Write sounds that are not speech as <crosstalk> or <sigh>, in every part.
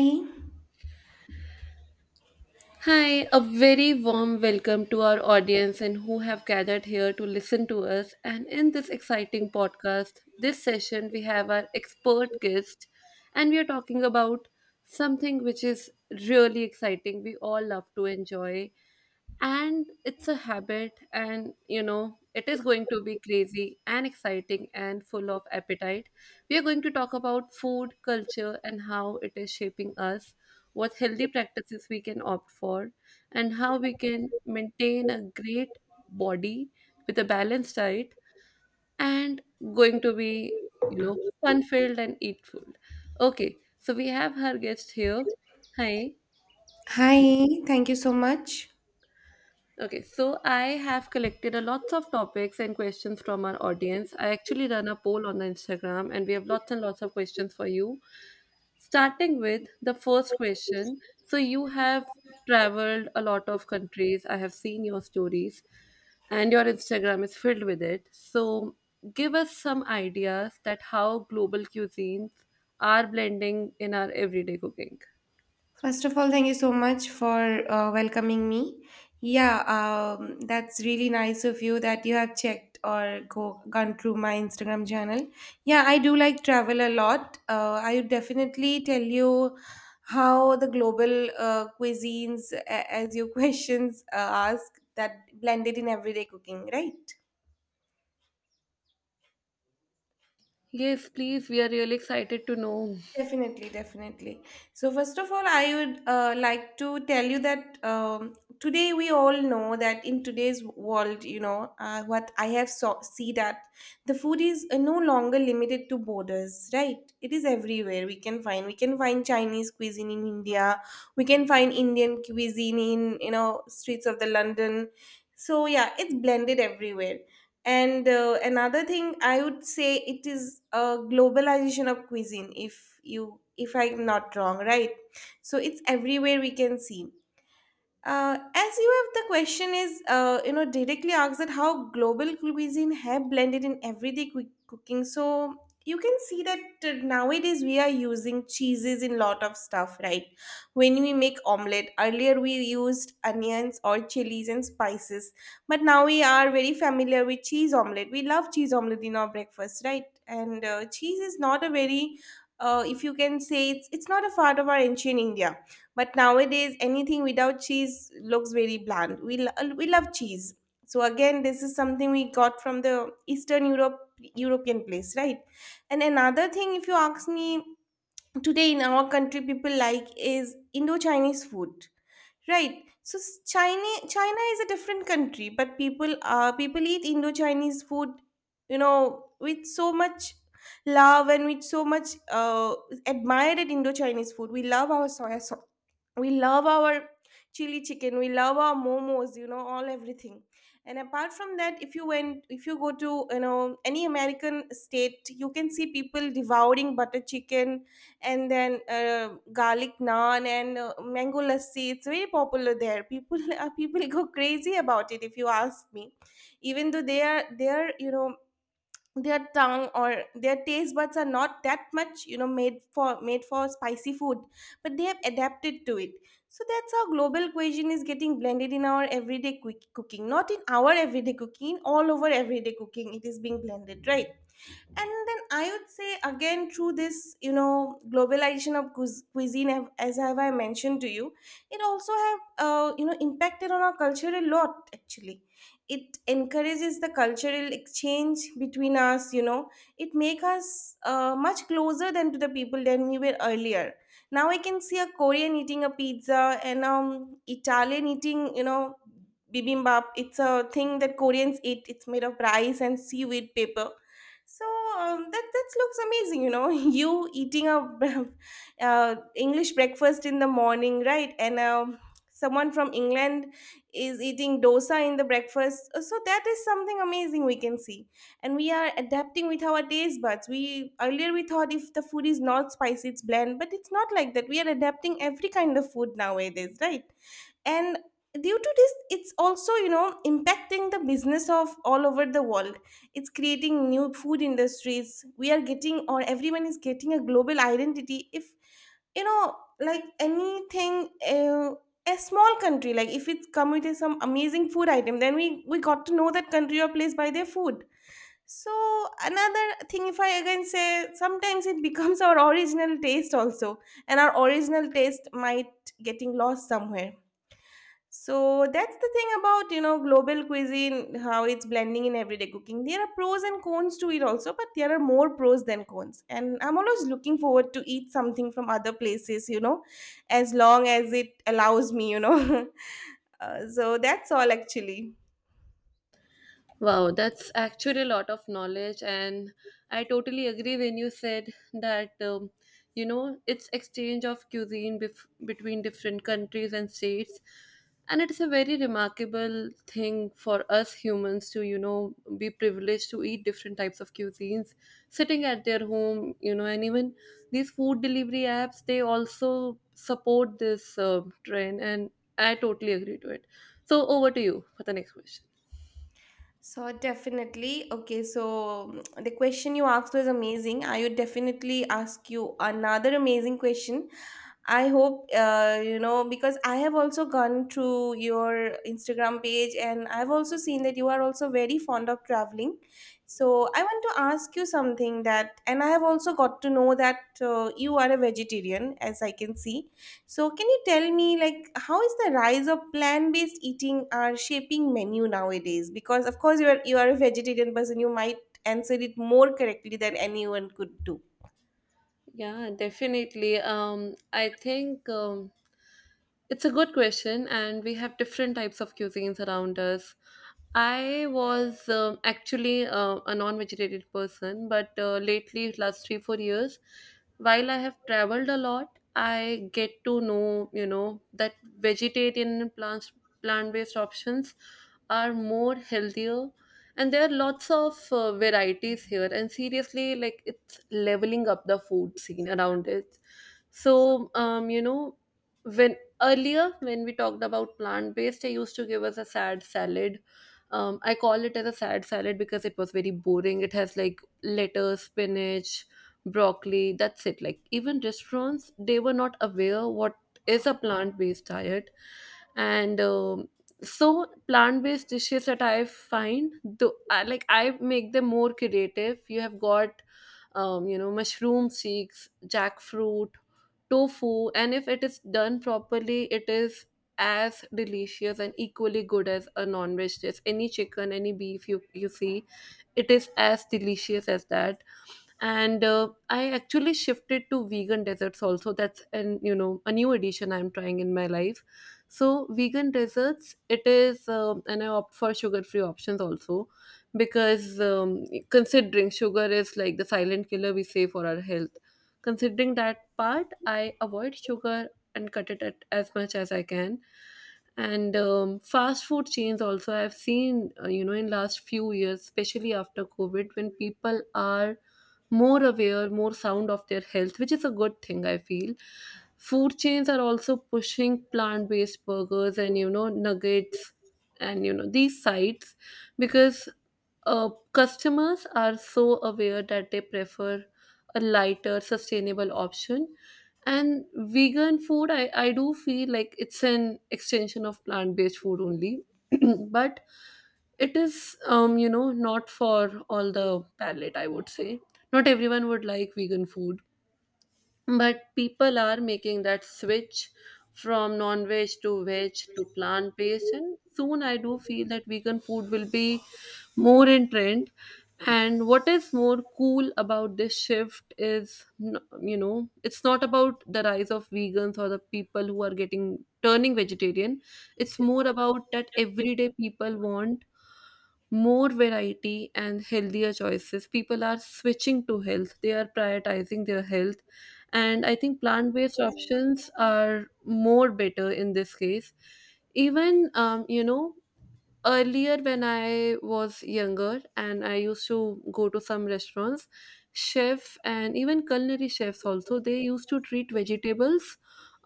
Hi, Hi, a very warm welcome to our audience and who have gathered here to listen to us. And in this exciting podcast, this session, we have our expert guest, and we are talking about something which is really exciting. We all love to enjoy and it's a habit and it is going to be crazy and exciting and full of appetite. We are going to talk about food culture and how it is shaping us, what healthy practices we can opt for and how we can maintain a great body with a balanced diet and going to be fun filled and eat filled. Okay, so we have our guest here. Hi. Hi. Thank you so much. Okay, so I have collected a lots of topics and questions from our audience. I actually run a poll on the Instagram and we have lots and lots of questions for you. Starting with the first question. So you have traveled a lot of countries. I have seen your stories and your Instagram is filled with it. So give us some ideas that how global cuisines are blending in our everyday cooking. First of all, thank you so much for welcoming me. Yeah, that's really nice of you that you have checked or go gone through my Instagram channel. Yeah, I do like travel a lot. I would definitely tell you how the global cuisines, as your <laughs> questions ask, that blended in everyday cooking, right? Yes, please. We are really excited to know. Definitely, definitely. So, first of all, I would like to tell you that today we all know that in today's world, what I have saw see that the food is no longer limited to borders, right? It is everywhere. We can find Chinese cuisine in India. We can find Indian cuisine in you know streets of the London. So yeah, it's blended everywhere, and another thing I would say, it is a globalization of cuisine, if you if I'm not wrong, right? So it's everywhere, we can see. As you have the question is directly asked, that how global cuisine have blended in everyday quick cooking. So you can see that nowadays we are using cheeses in lot of stuff, right? When we make omelette, earlier we used onions or chilies and spices, but now we are very familiar with cheese omelette, we love cheese omelette in our breakfast, right? And cheese is not a very if you can say, it's not a part of our ancient India. But nowadays, anything without cheese looks very bland. We love cheese. So again, this is something we got from the Eastern Europe European place, right? And another thing, if you ask me, today in our country, people like is Indo-Chinese food, right? China China is a different country, but people eat Indo-Chinese food, you know, with so much love and with so much admired at Indo-Chinese food. We love our soya sauce, we love our chili chicken, we love our momos, you know, all everything. And apart from that, if you go to you know any American state, you can see people devouring butter chicken and then garlic naan and mango lassi. It's very popular there, people <laughs> people go crazy about it, if you ask me. Even though they are you know, their tongue or their taste buds are not that much you know made for spicy food, but they have adapted to it. So that's how global cuisine is getting blended in our everyday quick cooking, not in our everyday cooking, all over everyday cooking it is being blended, right? And then I would say, again, through this you know globalization of cuisine as have I mentioned to you, it also have impacted on our culture a lot actually. It encourages the cultural exchange between us, you know. It make us much closer than to the people than we were earlier. Now I can see a Korean eating a pizza, and Italian eating, you know, bibimbap. It's a thing that Koreans eat, it's made of rice and seaweed paper. So, that that looks amazing, you know. <laughs> You eating a <laughs> English breakfast in the morning, right? And someone from England is eating dosa in the breakfast. So that is something amazing we can see. And we are adapting with our taste buds. We Earlier we thought if the food is not spicy, it's bland, but it's not like that. We are adapting every kind of food nowadays, right? And due to this, it's also you know impacting the business of all over the world. It's creating new food industries, we are getting, or everyone is getting, a global identity. If you know, like anything, a small country, like if it's come with some amazing food item, then we got to know that country or place by their food. So another thing, if I again say, sometimes it <laughs> becomes our original taste also, and our original taste might getting lost somewhere. So that's the thing about, you know, global cuisine, how it's blending in everyday cooking. There are pros and cons to it also, but there are more pros than cons. And I'm always looking forward to eat something from other places, as long as it allows me. <laughs> So that's all actually. Wow, that's actually a lot of knowledge, and I totally agree when you said that it's exchange of cuisine between different countries and states, and it's a very remarkable thing for us humans to be privileged to eat different types of cuisines, sitting at their home, and even these food delivery apps they also support this trend, and I totally agree to it. So over to you for the next question. So definitely, okay. So the question you asked was amazing. I would definitely ask you another amazing question. I hope because I have also gone through your Instagram page and I've also seen that you are also very fond of traveling. So I want to ask you something that, and I have also got to know that you are a vegetarian, as I can see. So can you tell me, like, how is the rise of plant-based eating are shaping menu nowadays? Because of course you are a vegetarian person, you might answer it more correctly than anyone could do. Yeah, definitely. I think it's a good question, and we have different types of cuisines around us. I was actually a non-vegetarian person, but lately, last 3-4 years, while I have traveled a lot, I get to know that vegetarian and plant-based options are more healthier, and there are lots of varieties here, and seriously like it's leveling up the food scene around it. So, you know when earlier when we talked about plant based, I used to give us a sad salad. I call it as a sad salad because it was very boring. It has like lettuce, spinach, broccoli, that's it. Like, even restaurants, they were not aware what is a plant based diet, and plant-based dishes that I find, though, like I make them more creative. You have got, mushroom seeds, jackfruit, tofu, and if it is done properly, it is as delicious and equally good as a non-veg dish. Any chicken, any beef you see, it is as delicious as that. And I actually shifted to vegan desserts also. That's an you know a new addition I'm trying in my life. So vegan desserts it is, and I opt for sugar free options also because considering sugar is like the silent killer we say for our health. Considering that part, I avoid sugar and cut it at as much as I can. And fast food chains also I've seen in last few years, especially after covid, when people are more aware, more sound of their health, which is a good thing I feel. Food chains are also pushing plant-based burgers and nuggets and these sites because customers are so aware that they prefer a lighter sustainable option. And vegan food, I do feel like it's an extension of plant based food only, <clears throat> but it is, not for all the palate, I would say. Not everyone would like vegan food. But people are making that switch from non veg to veg to plant based, and soon I do feel that vegan food will be more in trend. And what is more cool about this shift is, it's not about the rise of vegans or the people who are getting turning vegetarian. It's more about that everyday people want more variety and healthier choices. People are switching to health, they are prioritizing their health. And I think plant based options are more better in this case. Even, earlier when I was younger and I used to go to some restaurants, chef and even culinary chefs also, they used to treat vegetables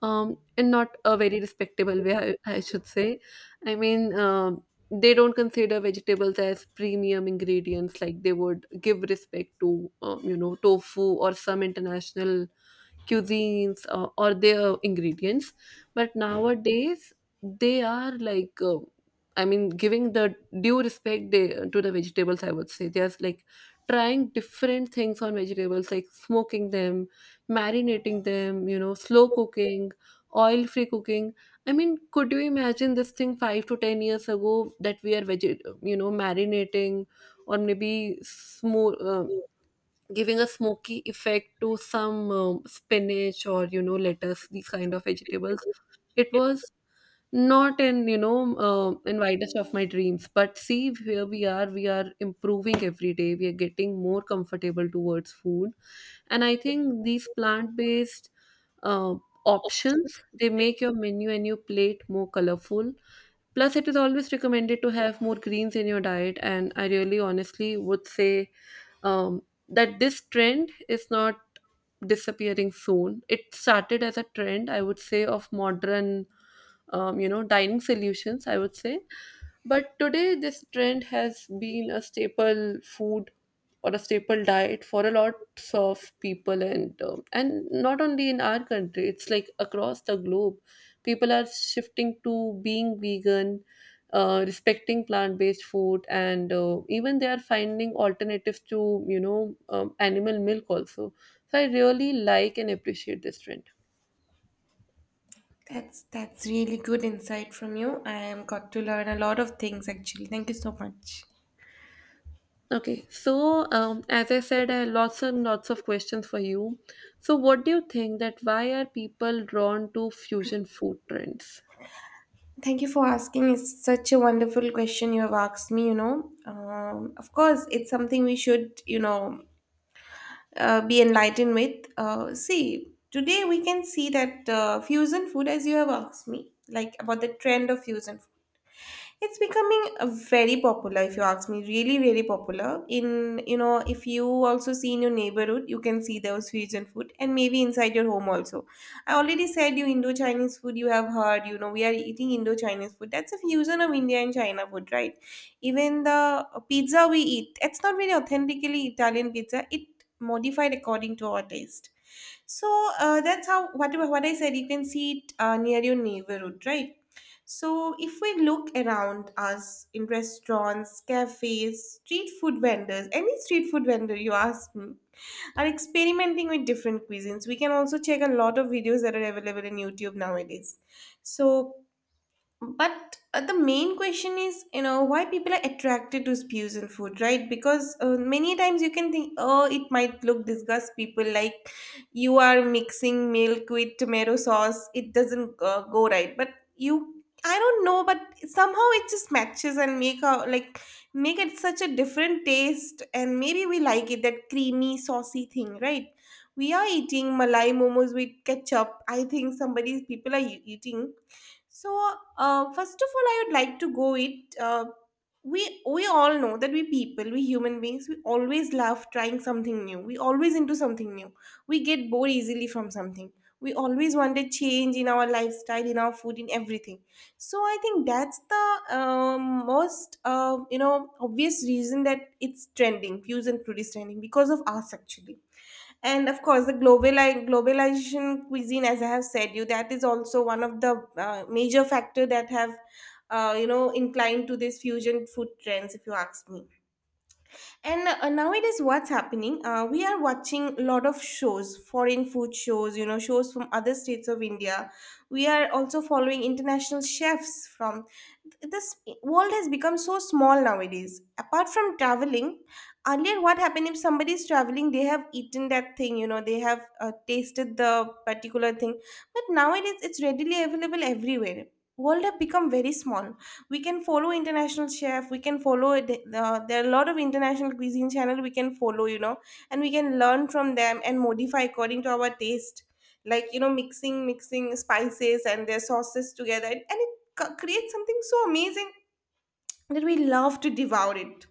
in not a very respectable way, I should say. I mean, they don't consider vegetables as premium ingredients like they would give respect to tofu or some international cuisines, or their ingredients. But nowadays they are like, I mean, giving the due respect, to the vegetables, I would say. They are like trying different things on vegetables like smoking them, marinating them, slow cooking, oil free cooking. I mean, could you imagine this thing 5 to 10 years ago, that we are marinating, or maybe giving a smoky effect to some spinach or lettuce, these kind of vegetables. It was not in in widest of my dreams. But see, here we are improving every day. We are getting more comfortable towards food. And I think these plant based uh, options, they make your menu and your plate more colorful. Plus, it is always recommended to have more greens in your diet. And I really honestly would say, um, that this trend is not disappearing soon. It started as a trend, I would say, of modern, dining solutions, I would say. But today, this trend has been a staple food or a staple diet for a lot of people, and not only in our country, it's like across the globe people are shifting to being vegan, respecting plant-based food. And even they are finding alternatives to you know animal milk also. So I really like and appreciate this trend. That's really good insight from you. I am got to learn a lot of things actually. Thank you so much. Okay, so as I said, I have lots and lots of questions for you. So what do you think, that why are people drawn to fusion food trends? Thank you for asking. It's such a wonderful question you have asked me. Of course, it's something we should you know be enlightened with. See, today we can see that fusion food, as you have asked me, like about the trend of fusion food, it's becoming very popular. If you ask me, really, really popular. In you know, if you also see in your neighborhood, you can see those fusion food, and maybe inside your home also. I already said you Indo Chinese food. You have heard, you know, we are eating Indo Chinese food. That's a fusion of India and China food, right? Even the pizza we eat, it's not very authentically Italian pizza. It modified according to our taste. So that's how what I said. You can see it near your neighborhood, right? So if we look around us in restaurants, cafes, street food vendors, any street food vendor you ask me, are experimenting with different cuisines. We can also check a lot of videos that are available in YouTube nowadays. So but the main question is, you know, why people are attracted to spews in food, right? Because many times you can think, oh, it might look disgust people, like you are mixing milk with tomato sauce, it doesn't go right, but you I don't know, but somehow it just matches and make a like make it such a different taste, and maybe we like it, that creamy saucy thing, right? We are eating malai momos with ketchup, I think somebody's people are eating. So, first of all, I would like to go it we all know that we people, we human beings, we always love trying something new, we always into something new. We get bored easily from something, we always want a change in our lifestyle, in our food, in everything. So I think that's the most obvious reason, that it's trending, fusion food is trending because of us actually. And of course the globalization cuisine, as I have said you, that is also one of the major factor that have inclined to these fusion food trends, if you ask me. And nowadays what's happening, we are watching a lot of shows, foreign food shows, you know, shows from other states of India. We are also following international chefs from this. World has become so small nowadays, apart from traveling. Earlier what happened, if somebody is traveling, they have eaten that thing, you know, they have tasted the particular thing, but nowadays it's readily available everywhere. World have become very small. We can follow international chef, we can follow it. There are a lot of international cuisine channel we can follow, you know, and we can learn from them and modify according to our taste. Like, you know, mixing spices and their sauces together, and it creates something so amazing that we love to devour it.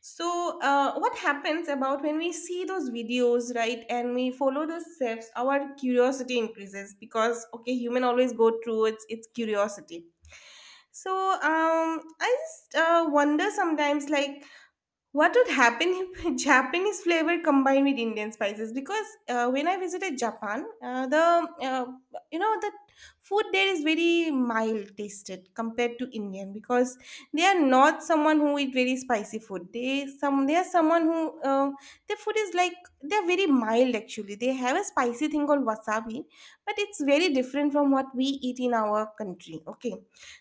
So what happens about when we see those videos, right, and we follow those steps, our curiosity increases, because okay, human always go through its curiosity. So I just wonder sometimes, like, what would happen if <laughs> Japanese flavor combined with Indian spices? Because when I visited Japan, the uh, you know the food there is very mild tasted compared to Indian, because they are not someone who eat very spicy food. They are someone who their food is like, they are very mild actually. They have a spicy thing called wasabi, but it's very different from what we eat in our country. Okay,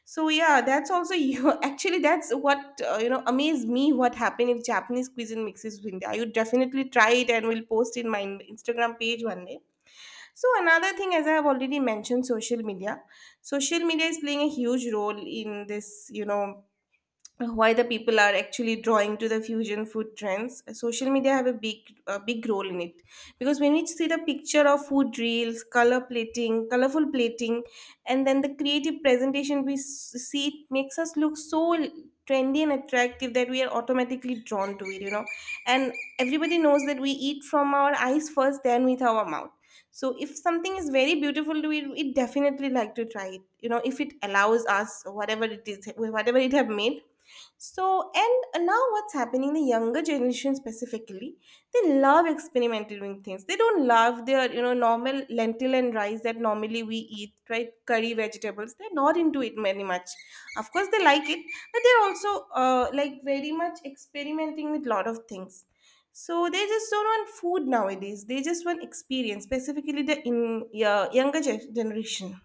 so yeah, that's also you. <laughs> Actually, that's what amazed me. What happened if Japanese cuisine mixes with India? I would definitely try it and will post in my Instagram page one day. So another thing, as I have already mentioned, social media. Social media is playing a huge role in this, why the people are actually drawing to the fusion food trends social media have a big role in it because when we see the picture of food reels color plating colorful plating and then the creative presentation we see it makes us look so trendy and attractive that we are automatically drawn to it and everybody knows that we eat from our eyes first then with our mouth so if something is very beautiful we definitely like to try it if it allows us whatever it is whatever it have made so, and now what's happening, the younger generation specifically, they love experimenting with things. They don't love their, normal lentil and rice that normally we eat, right? Curry vegetables. They're not into it very much. Of course, they like it, but they're also like very much experimenting with lot of things. So they just don't want food nowadays. They just want experience, specifically the in yeah, younger generation.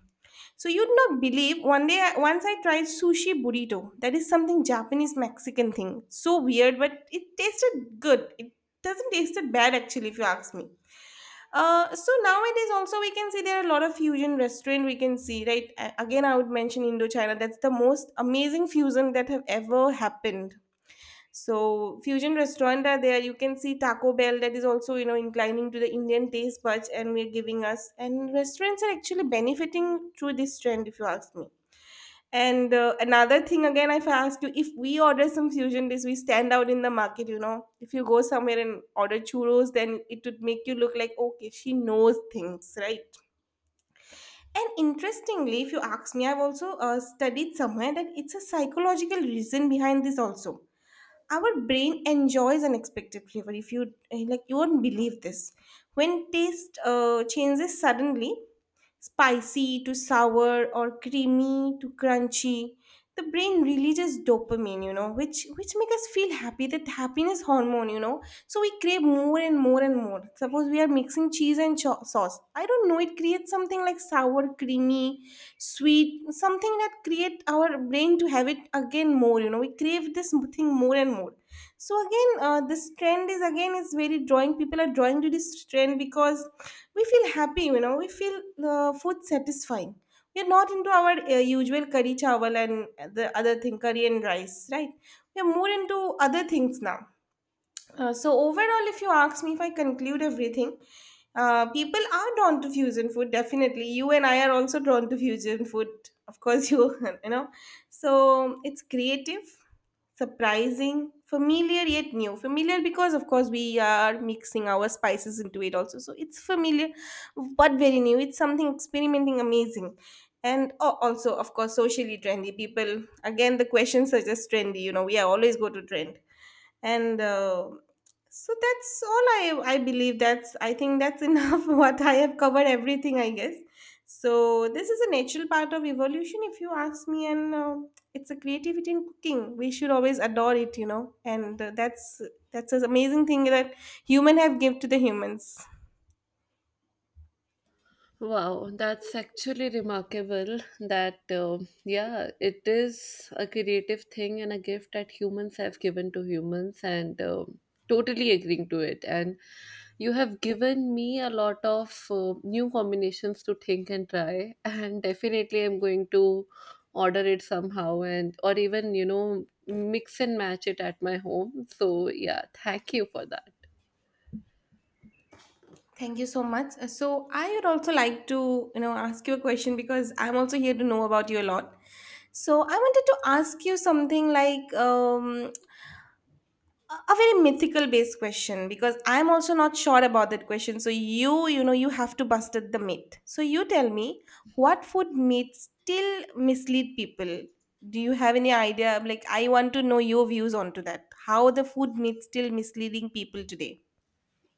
So you'd not believe one day once I tried sushi burrito. That is something Japanese Mexican thing. So weird, but it tasted good. It doesn't taste bad actually if you ask me. So nowadays also we can see there are a lot of fusion restaurant we can see right again I would mention Indochina, that's the most amazing fusion that have ever happened so fusion restaurant are there. You can see Taco Bell that is also inclining to the Indian taste buds, and we're giving us. And restaurants are actually benefiting through this trend, if you ask me. And another thing again, if I ask you, if we order some fusion dish, we stand out in the market. You know, if you go somewhere and order churros, then it would make you look like okay, she knows things, right? And interestingly, if you ask me, I've also studied somewhere that it's a psychological reason behind this also our brain enjoys unexpected flavor if you like you won't believe this when taste changes suddenly spicy to sour or creamy to crunchy the brain releases dopamine which make us feel happy that happiness hormone. So we crave more and more and more. Suppose we are mixing cheese and sauce. I don't know. It creates something like sour, creamy, sweet, something that create our brain to have it again more. We crave this thing more and more. So again, this trend is again is very drawing. People are drawing to this trend because we feel happy. We feel food satisfying. We are not into our usual curry chawal and the other thing, curry and rice, right? We are more into other things now so overall, if you ask me, if I conclude everything, people are drawn to fusion food. Definitely, you and I are also drawn to fusion food. Of course, you <laughs> you know. So it's creative, surprising, familiar yet new. Familiar because of course we are mixing our spices into it also. So it's familiar, but very new. It's something experimenting, amazing. And also, of course, socially trendy. People, again, the question suggests trendy. You know, we always go to trend and so that's all I believe that's I think that's enough <laughs> what I have covered everything I guess so this is a natural part of evolution if you ask me and it's a creativity in cooking we should always adore it and that's an amazing thing that human have give to the humans. Wow, that's actually remarkable that, yeah, it is a creative thing and a gift that humans have given to humans, and totally agreeing to it. And you have given me a lot of new combinations to think and try, <laughs> and definitely I'm going to order it somehow, and or even mix and match it at my home. So yeah, thank you for that. Thank you so much. So I would also like to, ask you a question because I'm also here to know about you a lot. So I wanted to ask you something like, a very mythical based question because I'm also not sure about that question so you know you have to busted the myth so you tell me what food myths still mislead people do you have any idea like I want to know your views onto that how the food myths still misleading people today.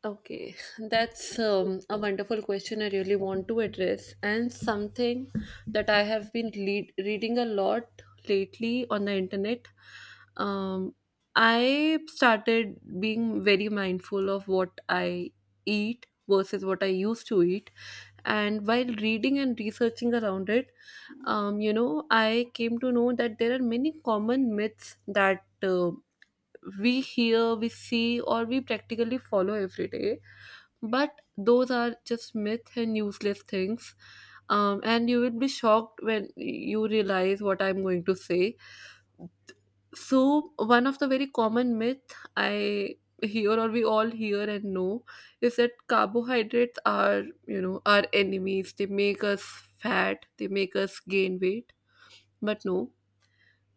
Okay, <laughs> that's a wonderful question I really want to address, and something that I have been reading a lot lately on the internet. Um, I started being very mindful of what I eat versus what I used to eat, and while reading and researching around it, I came to know that there are many common myths that we hear, we see, or we practically follow every day. But those are just myth and useless things. And you will be shocked when you realize what I'm going to say. So, one of the very common myth I hear or we all hear and know is that carbohydrates are our enemies. They make us fat, they make us gain weight. But no,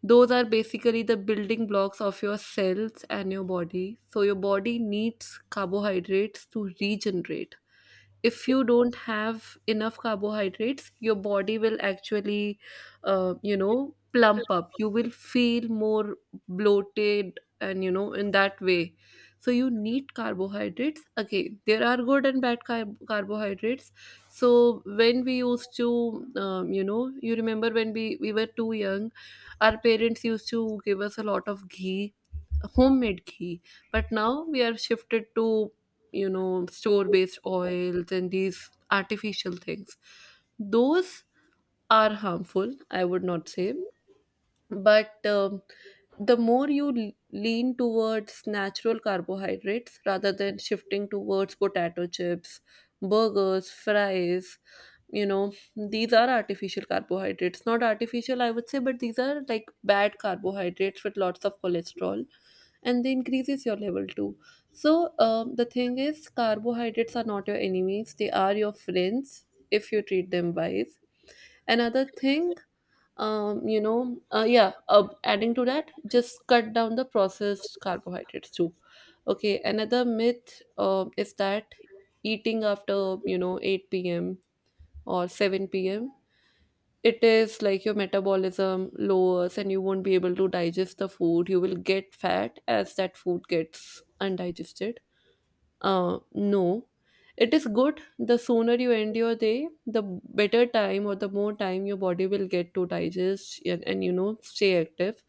those are basically the building blocks of your cells and your body. So your body needs carbohydrates to regenerate. If you don't have enough carbohydrates, your body will actually plump up. You will feel more bloated, and in that way. So you need carbohydrates. Okay, there are good and bad carbohydrates. So when we used to, you remember when we were too young, our parents used to give us a lot of ghee, homemade ghee. But now we are shifted to, store based oils and these artificial things. Those are harmful, I would not say. But the more you lean towards natural carbohydrates rather than shifting towards potato chips, burgers, fries. These are artificial carbohydrates. Not artificial, I would say, but these are like bad carbohydrates with lots of cholesterol, and they increases your level too. So the thing is carbohydrates are not your enemies, they are your friends if you treat them wise. Another thing, yeah, adding to that, just cut down the processed carbohydrates too. Okay, another myth is that eating after 8 p.m. or 7 p.m., it is like your metabolism lowers and you won't be able to digest the food. You will get fat as that food gets undigested. No. It is good. The sooner you end your day, the better time or the more time your body will get to digest and, stay active.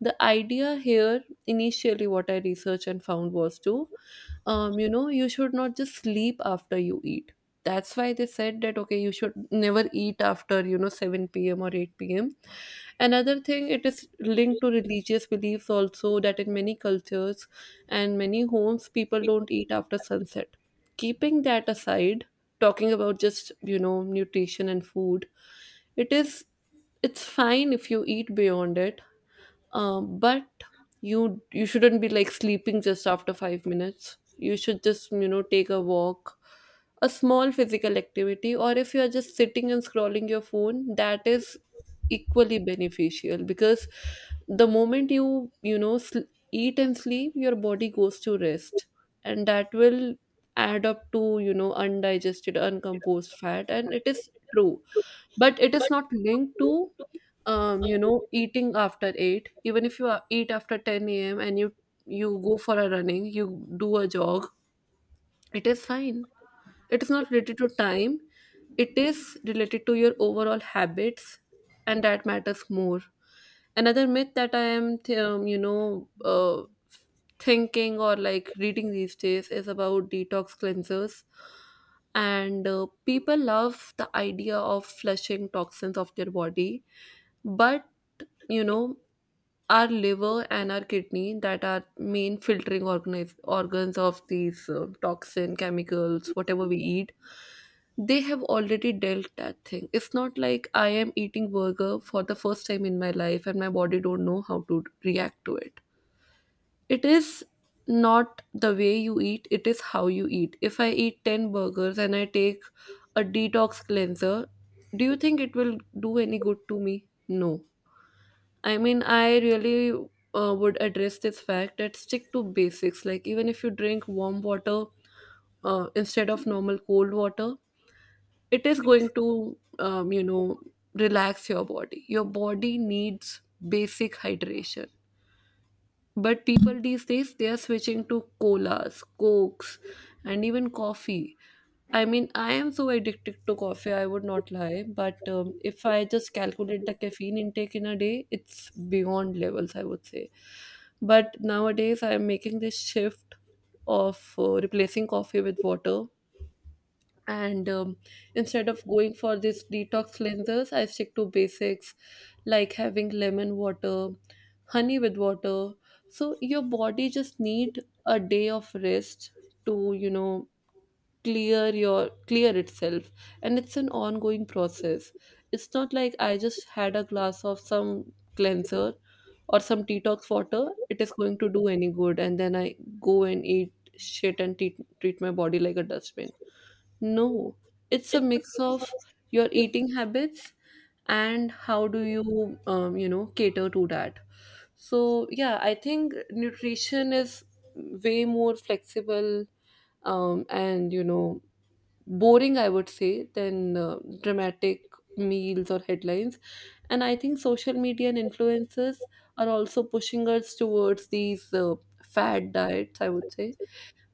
The idea here initially, what I researched and found was you should not just sleep after you eat. That's why they said that okay, you should never eat after 7 p.m. or 8 p.m. Another thing, it is linked to religious beliefs also, that in many cultures and many homes people don't eat after sunset. Keeping that aside, talking about just, nutrition and food, it is it's fine if you eat beyond it, but you shouldn't be like sleeping just after 5 minutes. You should just, take a walk, a small physical activity, or if you are just sitting and scrolling your phone, that is equally beneficial, because the moment you eat and sleep, your body goes to rest and that will add up to undigested uncomposed fat. And it is true, but it is not linked to eating after 8. Even if you eat after 10 a.m. and you go for a running, you do a jog, it is fine. It is not related to time, it is related to your overall habits, and that matters more. Another myth that I am thinking or like reading these days is about detox cleansers. And people love the idea of flushing toxins off their body. But you know our liver and our kidney, that are main filtering organs of these toxin chemicals whatever we eat, they have already dealt that thing. It's not like I am eating burger for the first time in my life and my body don't know how to react to it. It is not the way you eat, it is how you eat. If I eat 10 burgers and I take a detox cleanser, do you think it will do any good to me? No. I mean, I really would address this fact that stick to basics. Like, even if you drink warm water instead of normal cold water, it is going to, relax your body. Your body needs basic hydration. But people these days, they are switching to colas, cokes, and even coffee. I mean, I am so addicted to coffee, I would not lie. But if I just calculate the caffeine intake in a day, it's beyond levels, I would say. But nowadays, I am making this shift of replacing coffee with water. And instead of going for these detox cleansers, I stick to basics like having lemon water, honey with water. So your body just need a day of rest to, clear itself, and it's an ongoing process. It's not like I just had a glass of some cleanser or some detox water, it is going to do any good, and then I go and eat shit and treat my body like a dustbin. No. It's a mix of your eating habits and how do you you know cater to that. So yeah, I think nutrition is way more flexible, and boring, I would say, than dramatic meals or headlines. And I think social media and influencers are also pushing us towards these fad diets, I would say.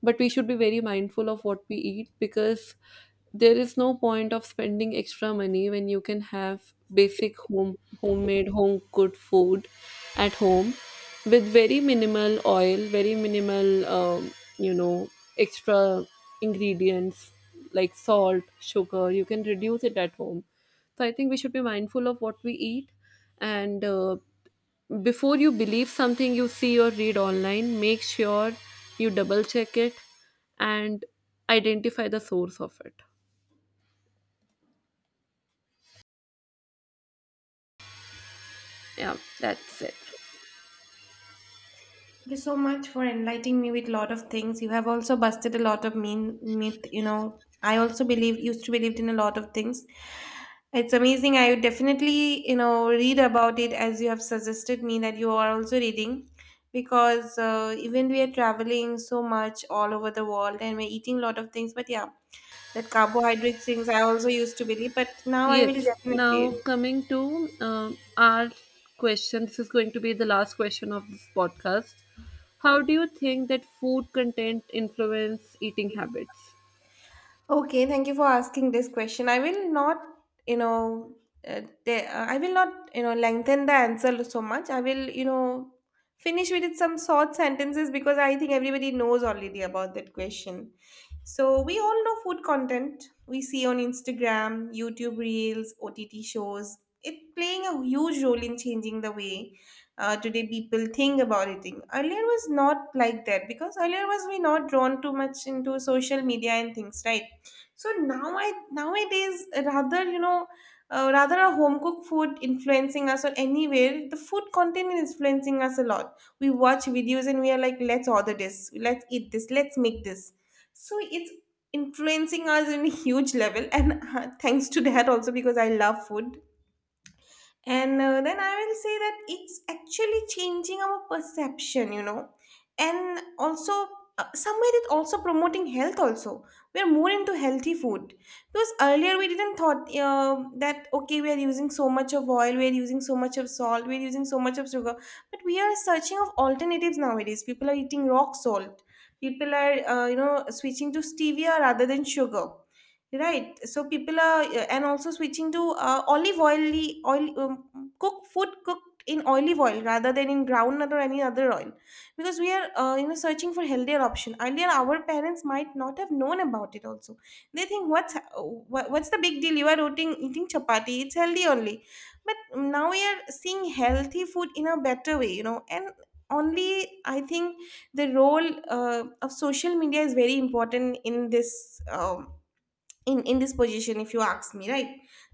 But we should be very mindful of what we eat, because there is no point of spending extra money when you can have basic homemade home good food at home with very minimal oil, very minimal, you know extra ingredients like salt, sugar, you can reduce it at home. So I think we should be mindful of what we eat, and before you believe something you see or read online, make sure you double check it and identify the source of it. Yeah, that's it. Thank you so much for enlightening me with a lot of things. You have also busted a lot of mean myth. You know, I also believe used to believed in a lot of things. It's amazing. I would definitely read about it as you have suggested me that you are also reading, because even we are traveling so much all over the world and we're eating a lot of things. But yeah, that carbohydrate things I also used to believe, but now I will Yes. definitely Now coming to our question. This is going to be the last question of this podcast. How do you think that food content influence eating habits? Okay, thank you for asking this question. I will not, you know, I will not, lengthen the answer so much. I will, finish with it some short sentences because I think everybody knows already about that question. So we all know food content we see on Instagram, YouTube Reels, OTT shows. It playing a huge role in changing the way today people think about eating. Earlier was not like that because earlier was we not drawn too much into social media and things, right? So now I nowadays rather rather a home cooked food influencing us or anywhere the food content is influencing us a lot we watch videos and we are like let's order this let's eat this let's make this so it's influencing us in a huge level and <laughs> thanks to that also because I love food and then I will say that it's actually changing our perception, and also somewhere it also promoting health. Also, we are more into healthy food because earlier we didn't thought that okay, we are using so much of oil, we are using so much of salt, we are using so much of sugar, but we are searching of alternatives nowadays. People are eating rock salt. People are switching to stevia rather than sugar. Right. So people are and also switching to olive oily oil cook food cooked in olive oil rather than in groundnut or any other oil because we are searching for healthier option. Earlier, our parents might not have known about it. Also, they think what's the big deal? You are eating chapati. It's healthy only. But now we are seeing healthy food in a better way. You know. And. Only I think the role of social media is very important in this in this position if you ask me right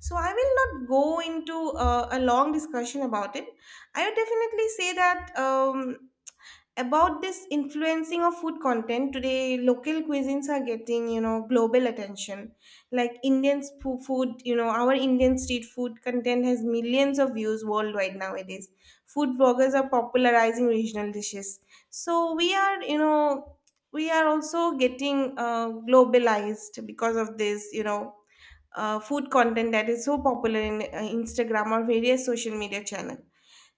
so I will not go into a long discussion about it I would definitely say that about this influencing of food content today local cuisines are getting global attention like indian food you know our indian street food content has millions of views worldwide nowadays food bloggers are popularizing regional dishes so we are we are also getting globalized because of this food content that is so popular in instagram or various social media channel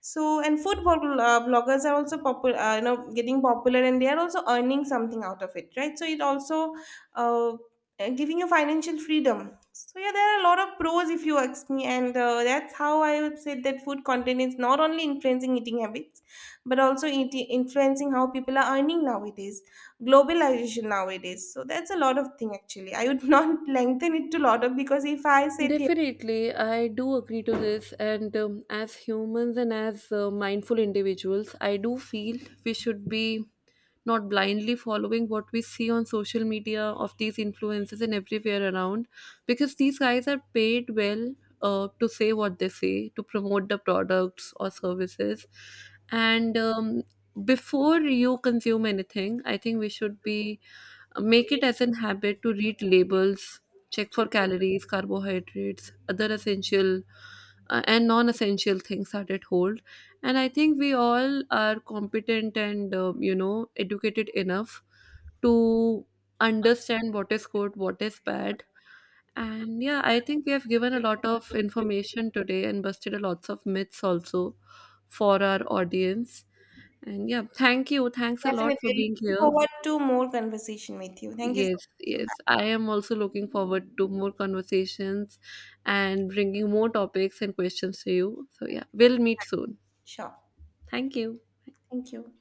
so, and food vloggers are also popular, getting popular, and they are also earning something out of it, right? So it also uh, giving you financial freedom. So yeah, there are a lot of pros if you ask me, and that's how I would say that food content is not only influencing eating habits, but also eating, influencing how people are earning nowadays, globalization nowadays. So that's a lot of thing actually. I would <laughs> not lengthen it to lot of because if I sit here Definitely, I do agree to this. And as humans and as mindful individuals, I do feel we should be not blindly following what we see on social media, of these influencers and everywhere around, because these guys are paid well to say what they say, to promote the products or services. And before you consume anything, I think we should be, make it as an habit to read labels, check for calories, carbohydrates, other essential and non essential things that it hold. And I think we all are competent and, educated enough to understand what is good, what is bad. And yeah, I think we have given a lot of information today and busted a lots of myths also for our audience. And yeah, thank you. Thanks a lot for Definitely. being Looking here. forward to more conversation with you. Thank you so Yes, much. yes. Bye. I am also looking forward to more conversations and bringing more topics and questions to you. So, yeah, we'll meet soon. Sure. Thank you. Thank you.